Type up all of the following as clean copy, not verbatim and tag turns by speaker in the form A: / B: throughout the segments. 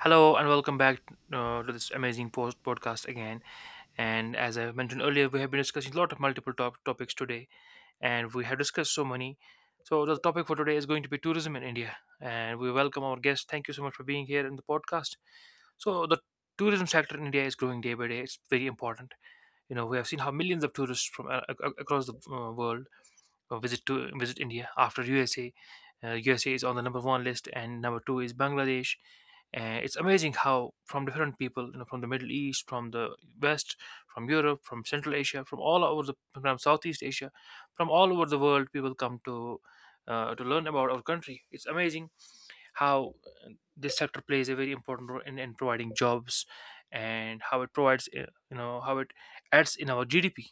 A: Hello and welcome back to this amazing post podcast again. And as I mentioned earlier, we have been discussing a lot of topics today, and we have discussed so many. So the topic for today is going to be tourism in India, and we welcome our guest. Thank you so much for being here in the podcast. So the tourism sector in India is growing day by day. It's very important. You know, we have seen how millions of tourists from across the world visit India after USA. USA is on the number one list, and number two is Bangladesh. And it's amazing how from different people, you know, from the Middle East, from the West, from Europe, from Central Asia, from Southeast Asia, from all over the world, people come to learn about our country. It's amazing how uh, this sector plays a very important role in providing jobs and how it provides, how it adds in our GDP.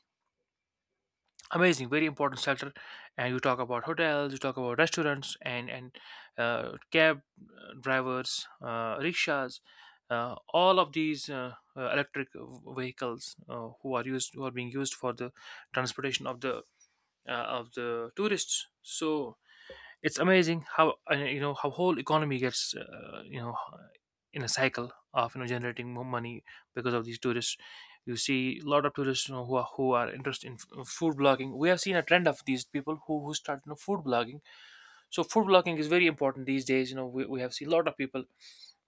A: Amazing, very important sector. And you talk about hotels, you talk about restaurants and cab drivers, rickshaws, all of these electric vehicles who are being used for the transportation of the uh, of the tourists. So it's amazing how, you know, how whole economy gets, you know, in a cycle of, you know, generating more money because of these tourists. You see a lot of tourists, you know, who are who are interested in food blogging. We have seen a trend of these people who start, you know, food blogging. So food blogging is very important these days. You know, we have seen a lot of people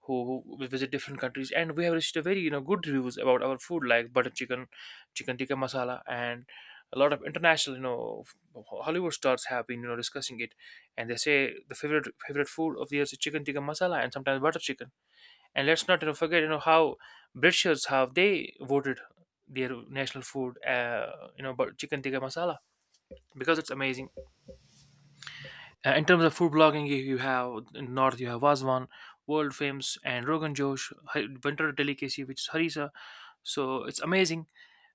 A: who visit different countries, and we have received a very, you know, good reviews about our food, like butter chicken, chicken tikka masala. And a lot of international, you know, Hollywood stars have been, you know, discussing it, and they say the favorite food of theirs is chicken tikka masala and sometimes butter chicken. And let's not, you know, forget, you know, how Britishers have, they voted their national food, but chicken tikka masala, because it's amazing. In terms of food blogging, you have in north you have Vazwan, world famous, and Rogan Josh, winter delicacy which is harissa. So it's amazing.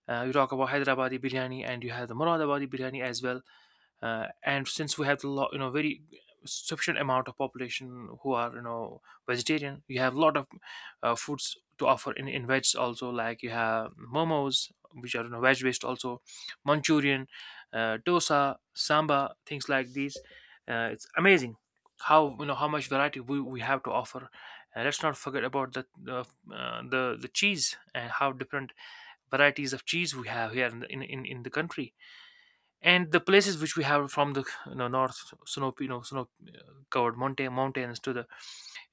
A: You talk about Hyderabadi biryani, and you have the Muradabadi biryani as well. And since we have a lot, you know, very sufficient amount of population who are, you know, vegetarian, you have a lot of, foods to offer in veg also, like you have momos which are, you know, veg based also, manchurian, dosa samba, things like these. It's amazing how, you know, how much variety we have to offer. And let's not forget about the cheese and how different varieties of cheese we have here in the country. And the places which we have, from the, you know, north snow you know snow covered mountains to the,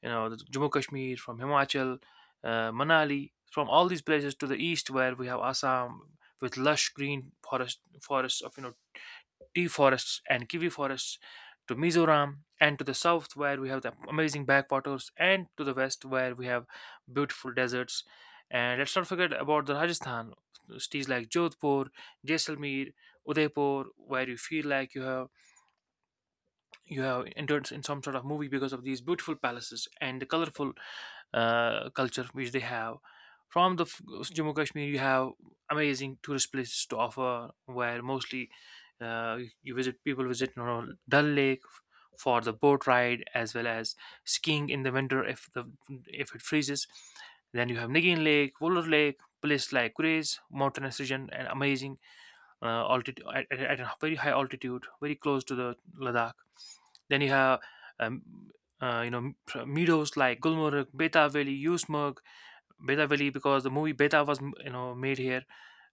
A: you know, the Jammu Kashmir, from Himachal, Manali, from all these places to the east where we have Assam with lush green forests of, you know, tea forests and kiwi forests, to Mizoram, and to the south where we have the amazing backwaters, and to the west where we have beautiful deserts. And let's not forget about the Rajasthan cities like Jodhpur, Jaisalmer, Udaipur, where you feel like you have entered in some sort of movie because of these beautiful palaces and the colorful, culture which they have. From the Jammu Kashmir, you have amazing tourist places to offer, where mostly, you visit people visit, you know, Dal Lake for the boat ride, as well as skiing in the winter if the if it freezes. Then you have Nigin Lake, Wolar Lake, place like Grace, mountainous region, and amazing altitude at a very high altitude, very close to the Ladakh. Then you have um, you know, meadows like Gulmarg, Beta Valley, Usmarg. Beta Valley, because the movie Beta was, you know, made here.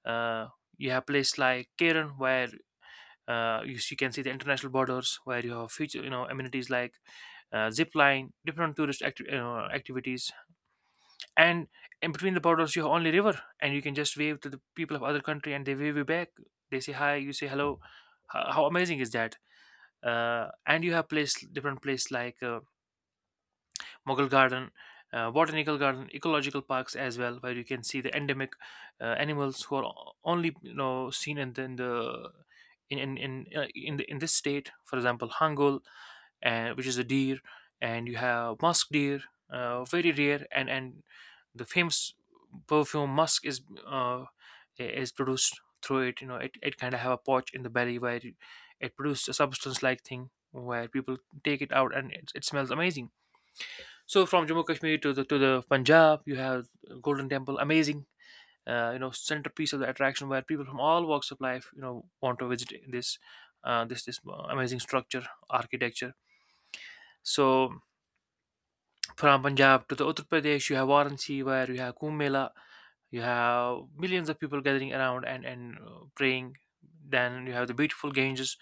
A: Uh, you have places like Keren where, you can see the international borders, where you have future, you know, amenities like, zip line, different you know, activities. And in between the borders you have only river, and you can just wave to the people of other country and they wave you back. They say hi, you say hello. How amazing is that. And you have place different place like, Mughal Garden, Botanical Garden, ecological parks as well, where you can see the endemic, animals who are only, you know, seen in the in the in, the, in this state. For example, Hangul, and which is a deer, and you have musk deer, very rare, and the famous perfume musk is produced through it. You know, it kind of have a pouch in the belly where it produces a substance like thing, where people take it out, and it smells amazing. So from Jammu Kashmir to the Punjab, you have Golden Temple, amazing, you know, centerpiece of the attraction, where people from all walks of life, you know, want to visit this amazing structure, architecture. So from Punjab to the Uttar Pradesh, you have Varanasi, where you have Kumbh Mela. You have millions of people gathering around and praying. Then you have the beautiful Ganges,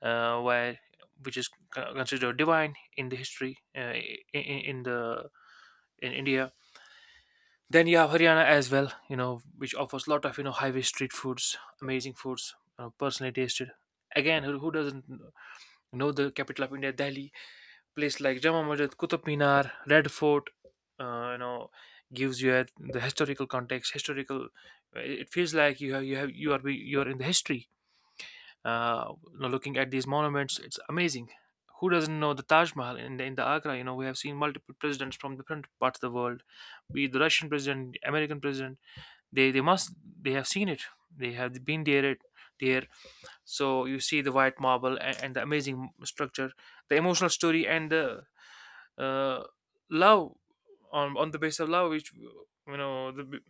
A: where, which is considered divine in the history, in, in in the in India. Then you have Haryana as well, you know, which offers a lot of, you know, highway street foods, amazing foods, you know, personally tasted. Again, who doesn't know the capital of India, Delhi? Place like Jama Masjid, Qutub Minar, Red Fort, you know, gives you a, the historical context, historical. It feels like you are you are in the history. You know, looking at these monuments, it's amazing. Who doesn't know the Taj Mahal in in the Agra? You know, we have seen multiple presidents from different parts of the world, be it the Russian president, American president. They they must they have seen it, they have been there, it there. So you see the white marble, and the amazing structure, the emotional story, and the, uh, love, on the base of love which, you know, the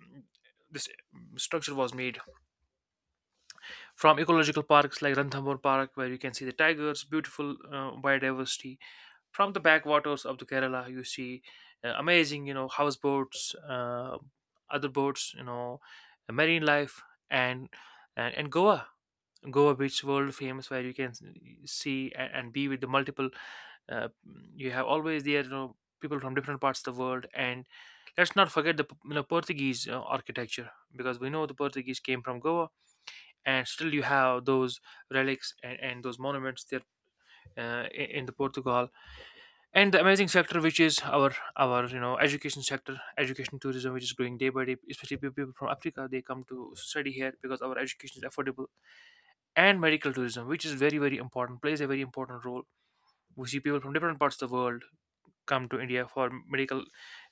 A: this structure was made. From ecological parks like Ranthambore Park, where you can see the tigers, beautiful, biodiversity. From the backwaters of the Kerala, you see, amazing, you know, houseboats, other boats, you know, marine life, and and Goa, Goa beach, world famous, where you can see, and be with the multiple. Uh, you have always there, you know, people from different parts of the world. And let's not forget the, you know, Portuguese, architecture, because we know the Portuguese came from Goa, and still you have those relics, and those monuments there, in the Portugal. And the amazing sector which is our, you know, education sector, education tourism, which is growing day by day, especially people from Africa, they come to study here because our education is affordable. And medical tourism, which is very important, plays a very important role. We see people from different parts of the world come to India for medical,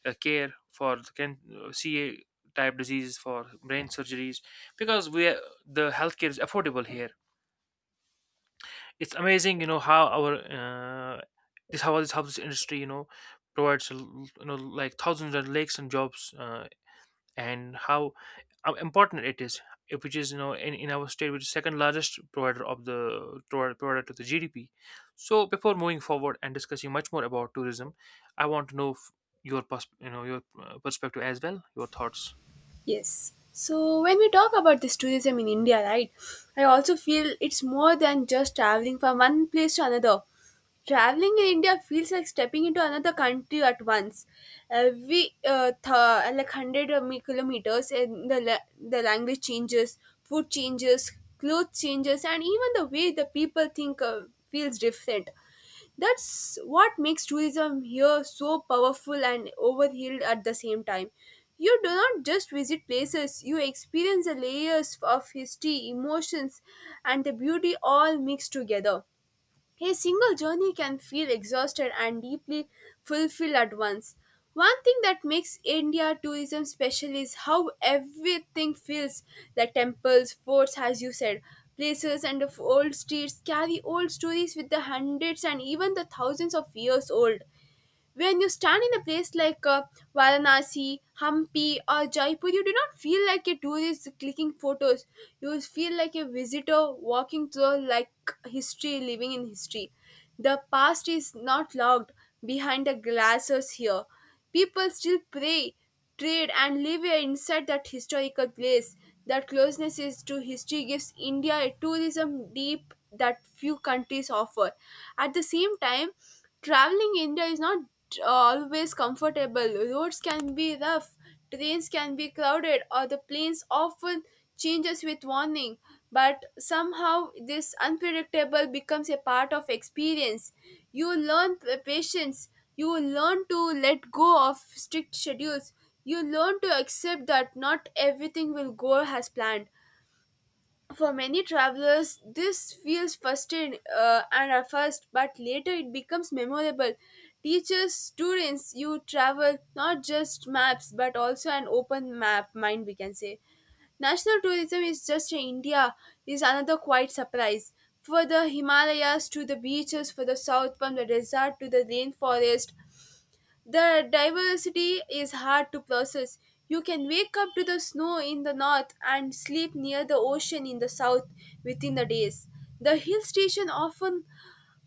A: care, for the can ca type diseases, for brain surgeries, because we are, the healthcare is affordable here. It's amazing, you know, how our, this how this how this industry, you know, provides, you know, like thousands of lakes and jobs, and how, important it is, if, which is, you know, in our state, which is second largest provider of the provider to the GDP. So before moving forward and discussing much more about tourism, I want to know, you know, your, perspective as well, your thoughts.
B: Yes. So when we talk about this tourism in India, right, I also feel it's more than just traveling from one place to another. Traveling in India feels like stepping into another country at once. Every like hundred of kilometers, and the language changes, food changes, clothes changes, and even the way the people think feels different. That's what makes tourism here so powerful and overhauled at the same time. You do not just visit places, you experience the layers of history, emotions, and the beauty all mixed together. A single journey can feel exhausted and deeply fulfilled at once. One thing that makes India tourism special is how everything feels the temples, forts, as you said, places, and of old streets carry old stories with the hundreds and even the thousands of years old. When you stand in a place like Varanasi, Hampi, or Jaipur, you do not feel like a tourist clicking photos. You feel like a visitor walking through like history, living in history. The past is not locked behind the glasses here. People still pray, trade and live inside that historical place. That closeness is to history gives India a tourism deep that few countries offer. At the same time, traveling India is not always comfortable. Roads can be rough, trains can be crowded or the planes often changes with warning, but somehow this unpredictable becomes a part of experience. You learn patience, you learn to let go of strict schedules, you learn to accept that not everything will go as planned. For many travelers, this feels first and at first, but later it becomes memorable. Teachers, students, you travel not just maps but also an open map mind, we can say. National tourism is just in India is another quite surprise. For the Himalayas to the beaches, for the south from the desert to the rainforest, the diversity is hard to process. You can wake up to the snow in the north and sleep near the ocean in the south within the days. The hill station often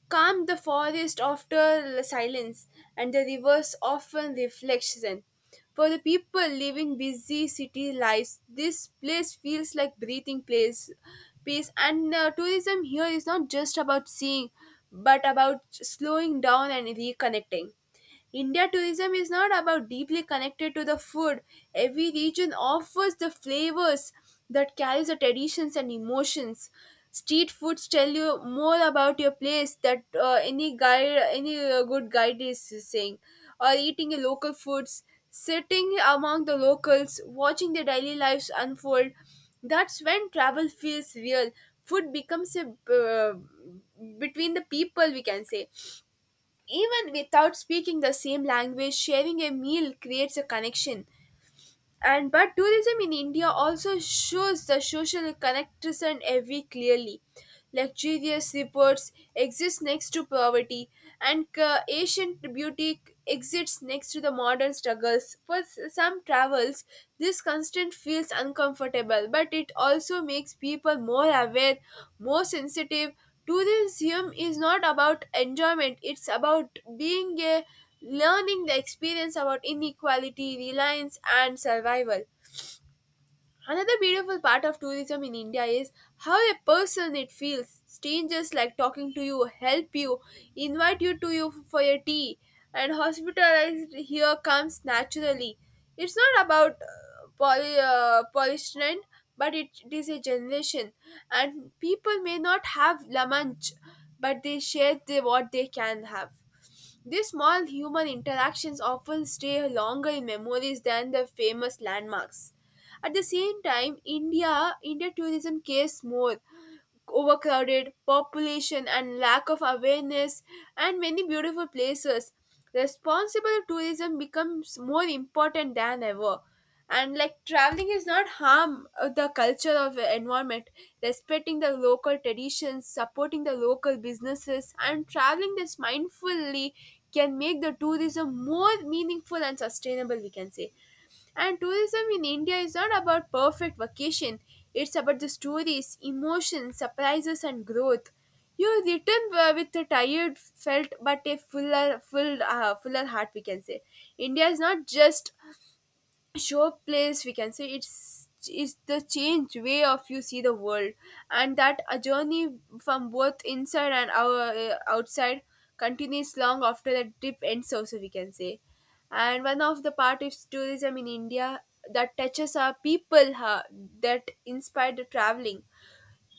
B: calm the forest after the silence, and the rivers often reflection. For the people living busy city lives, this place feels like breathing place, peace. And tourism here is not just about seeing, but about slowing down and reconnecting. India tourism is not about deeply connected to the food. Every region offers the flavors that carries the traditions and emotions. Street foods tell you more about your place that any guide, any good guide is saying, or eating your local foods, sitting among the locals, watching their daily lives unfold. That's when travel feels real. Food becomes a between the people, we can say even without speaking the same language, sharing a meal creates a connection, and but tourism in India also shows the social connection every clearly, luxurious reports exist next to poverty, and ancient beauty exists next to the modern struggles. For some travels, this constant feels uncomfortable, but it also makes people more aware, more sensitive. Tourism is not about enjoyment, it's about being a learning the experience about inequality, reliance, and survival. Another beautiful part of tourism in India is how a person it feels. Strangers like talking to you, help you, invite you to you for your tea, and hospitalized here comes naturally. It's not about polishment, but it is a generation, and people may not have la manche, but they share the, what they can have. These small human interactions often stay longer in memories than the famous landmarks. At the same time, India tourism cares more overcrowded population and lack of awareness and many beautiful places. Responsible tourism becomes more important than ever, and like traveling is not harm the culture of the environment, respecting the local traditions, supporting the local businesses and traveling this mindfully can make the tourism more meaningful and sustainable, we can say. And tourism in India is not about perfect vacation, it's about the stories, emotions, surprises, and growth. You return with a tired felt but a fuller heart, we can say. India is not just showplace, we can say it's is the change way of you see the world, and that a journey from both inside and our outside continues long after the trip ends also, we can say. And one of the part is tourism in India that touches our people, that inspired the traveling.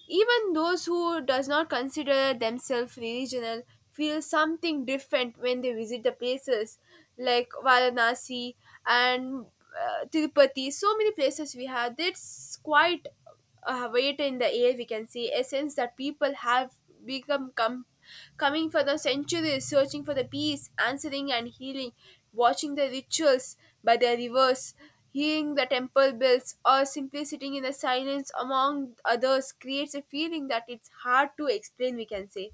B: Even those who does not consider themselves regional feel something different when they visit the places like Varanasi and Tirupati. So many places we have. That's quite a weight in the air. We can see a sense that people have become coming for the centuries, searching for the peace, answering and healing, watching the rituals by the rivers. Hearing the temple bells or simply sitting in the silence among others creates a feeling that it's hard to explain, we can say.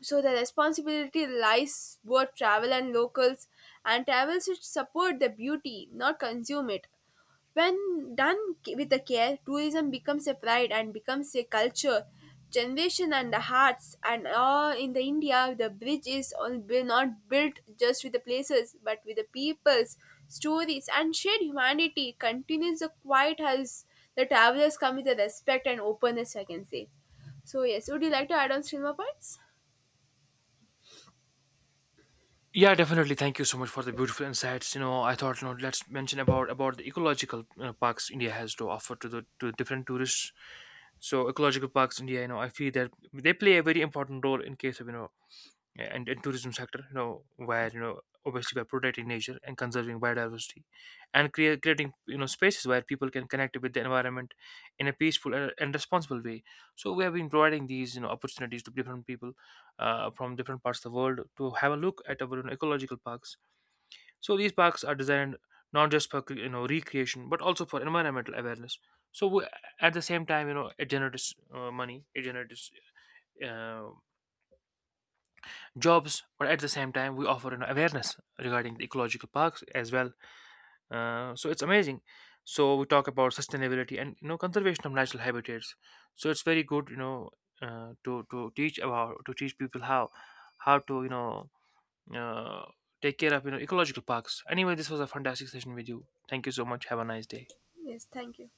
B: So the responsibility lies both travel and locals, and travel should support the beauty, not consume it. When done with the care, tourism becomes a pride and becomes a culture, generation and the hearts. And all in the India, the bridge is all not built just with the places, but with the peoples, stories, and shared humanity. Continues the quiet as the travelers come with the respect and openness, I can say. So yes, would you like to add on cinema points?
A: Yeah, definitely. Thank you so much for the beautiful insights. You know, I thought, you know, let's mention about the ecological, you know, parks India has to offer to the to different tourists. So, ecological parks India, you know, I feel that they play a very important role in case of, you know, yeah, and tourism sector, you know, where, you know, obviously by protecting nature and conserving biodiversity and creating, you know, spaces where people can connect with the environment in a peaceful and responsible way. So we have been providing these, you know, opportunities to different people, from different parts of the world to have a look at our, you know, ecological parks. So these parks are designed not just for you know, recreation, but also for environmental awareness. So at the same time, you know, it generates, money, it generates, uh jobs, but at the same time we offer, you know, awareness regarding the ecological parks as well. So it's amazing. So we talk about sustainability and, you know, conservation of natural habitats. So it's very good, you know, to teach about, to teach people how to, you know, uh, take care of, you know, ecological parks. Anyway, this was a fantastic session with you. Thank you so much, have a nice day.
B: Yes, thank you.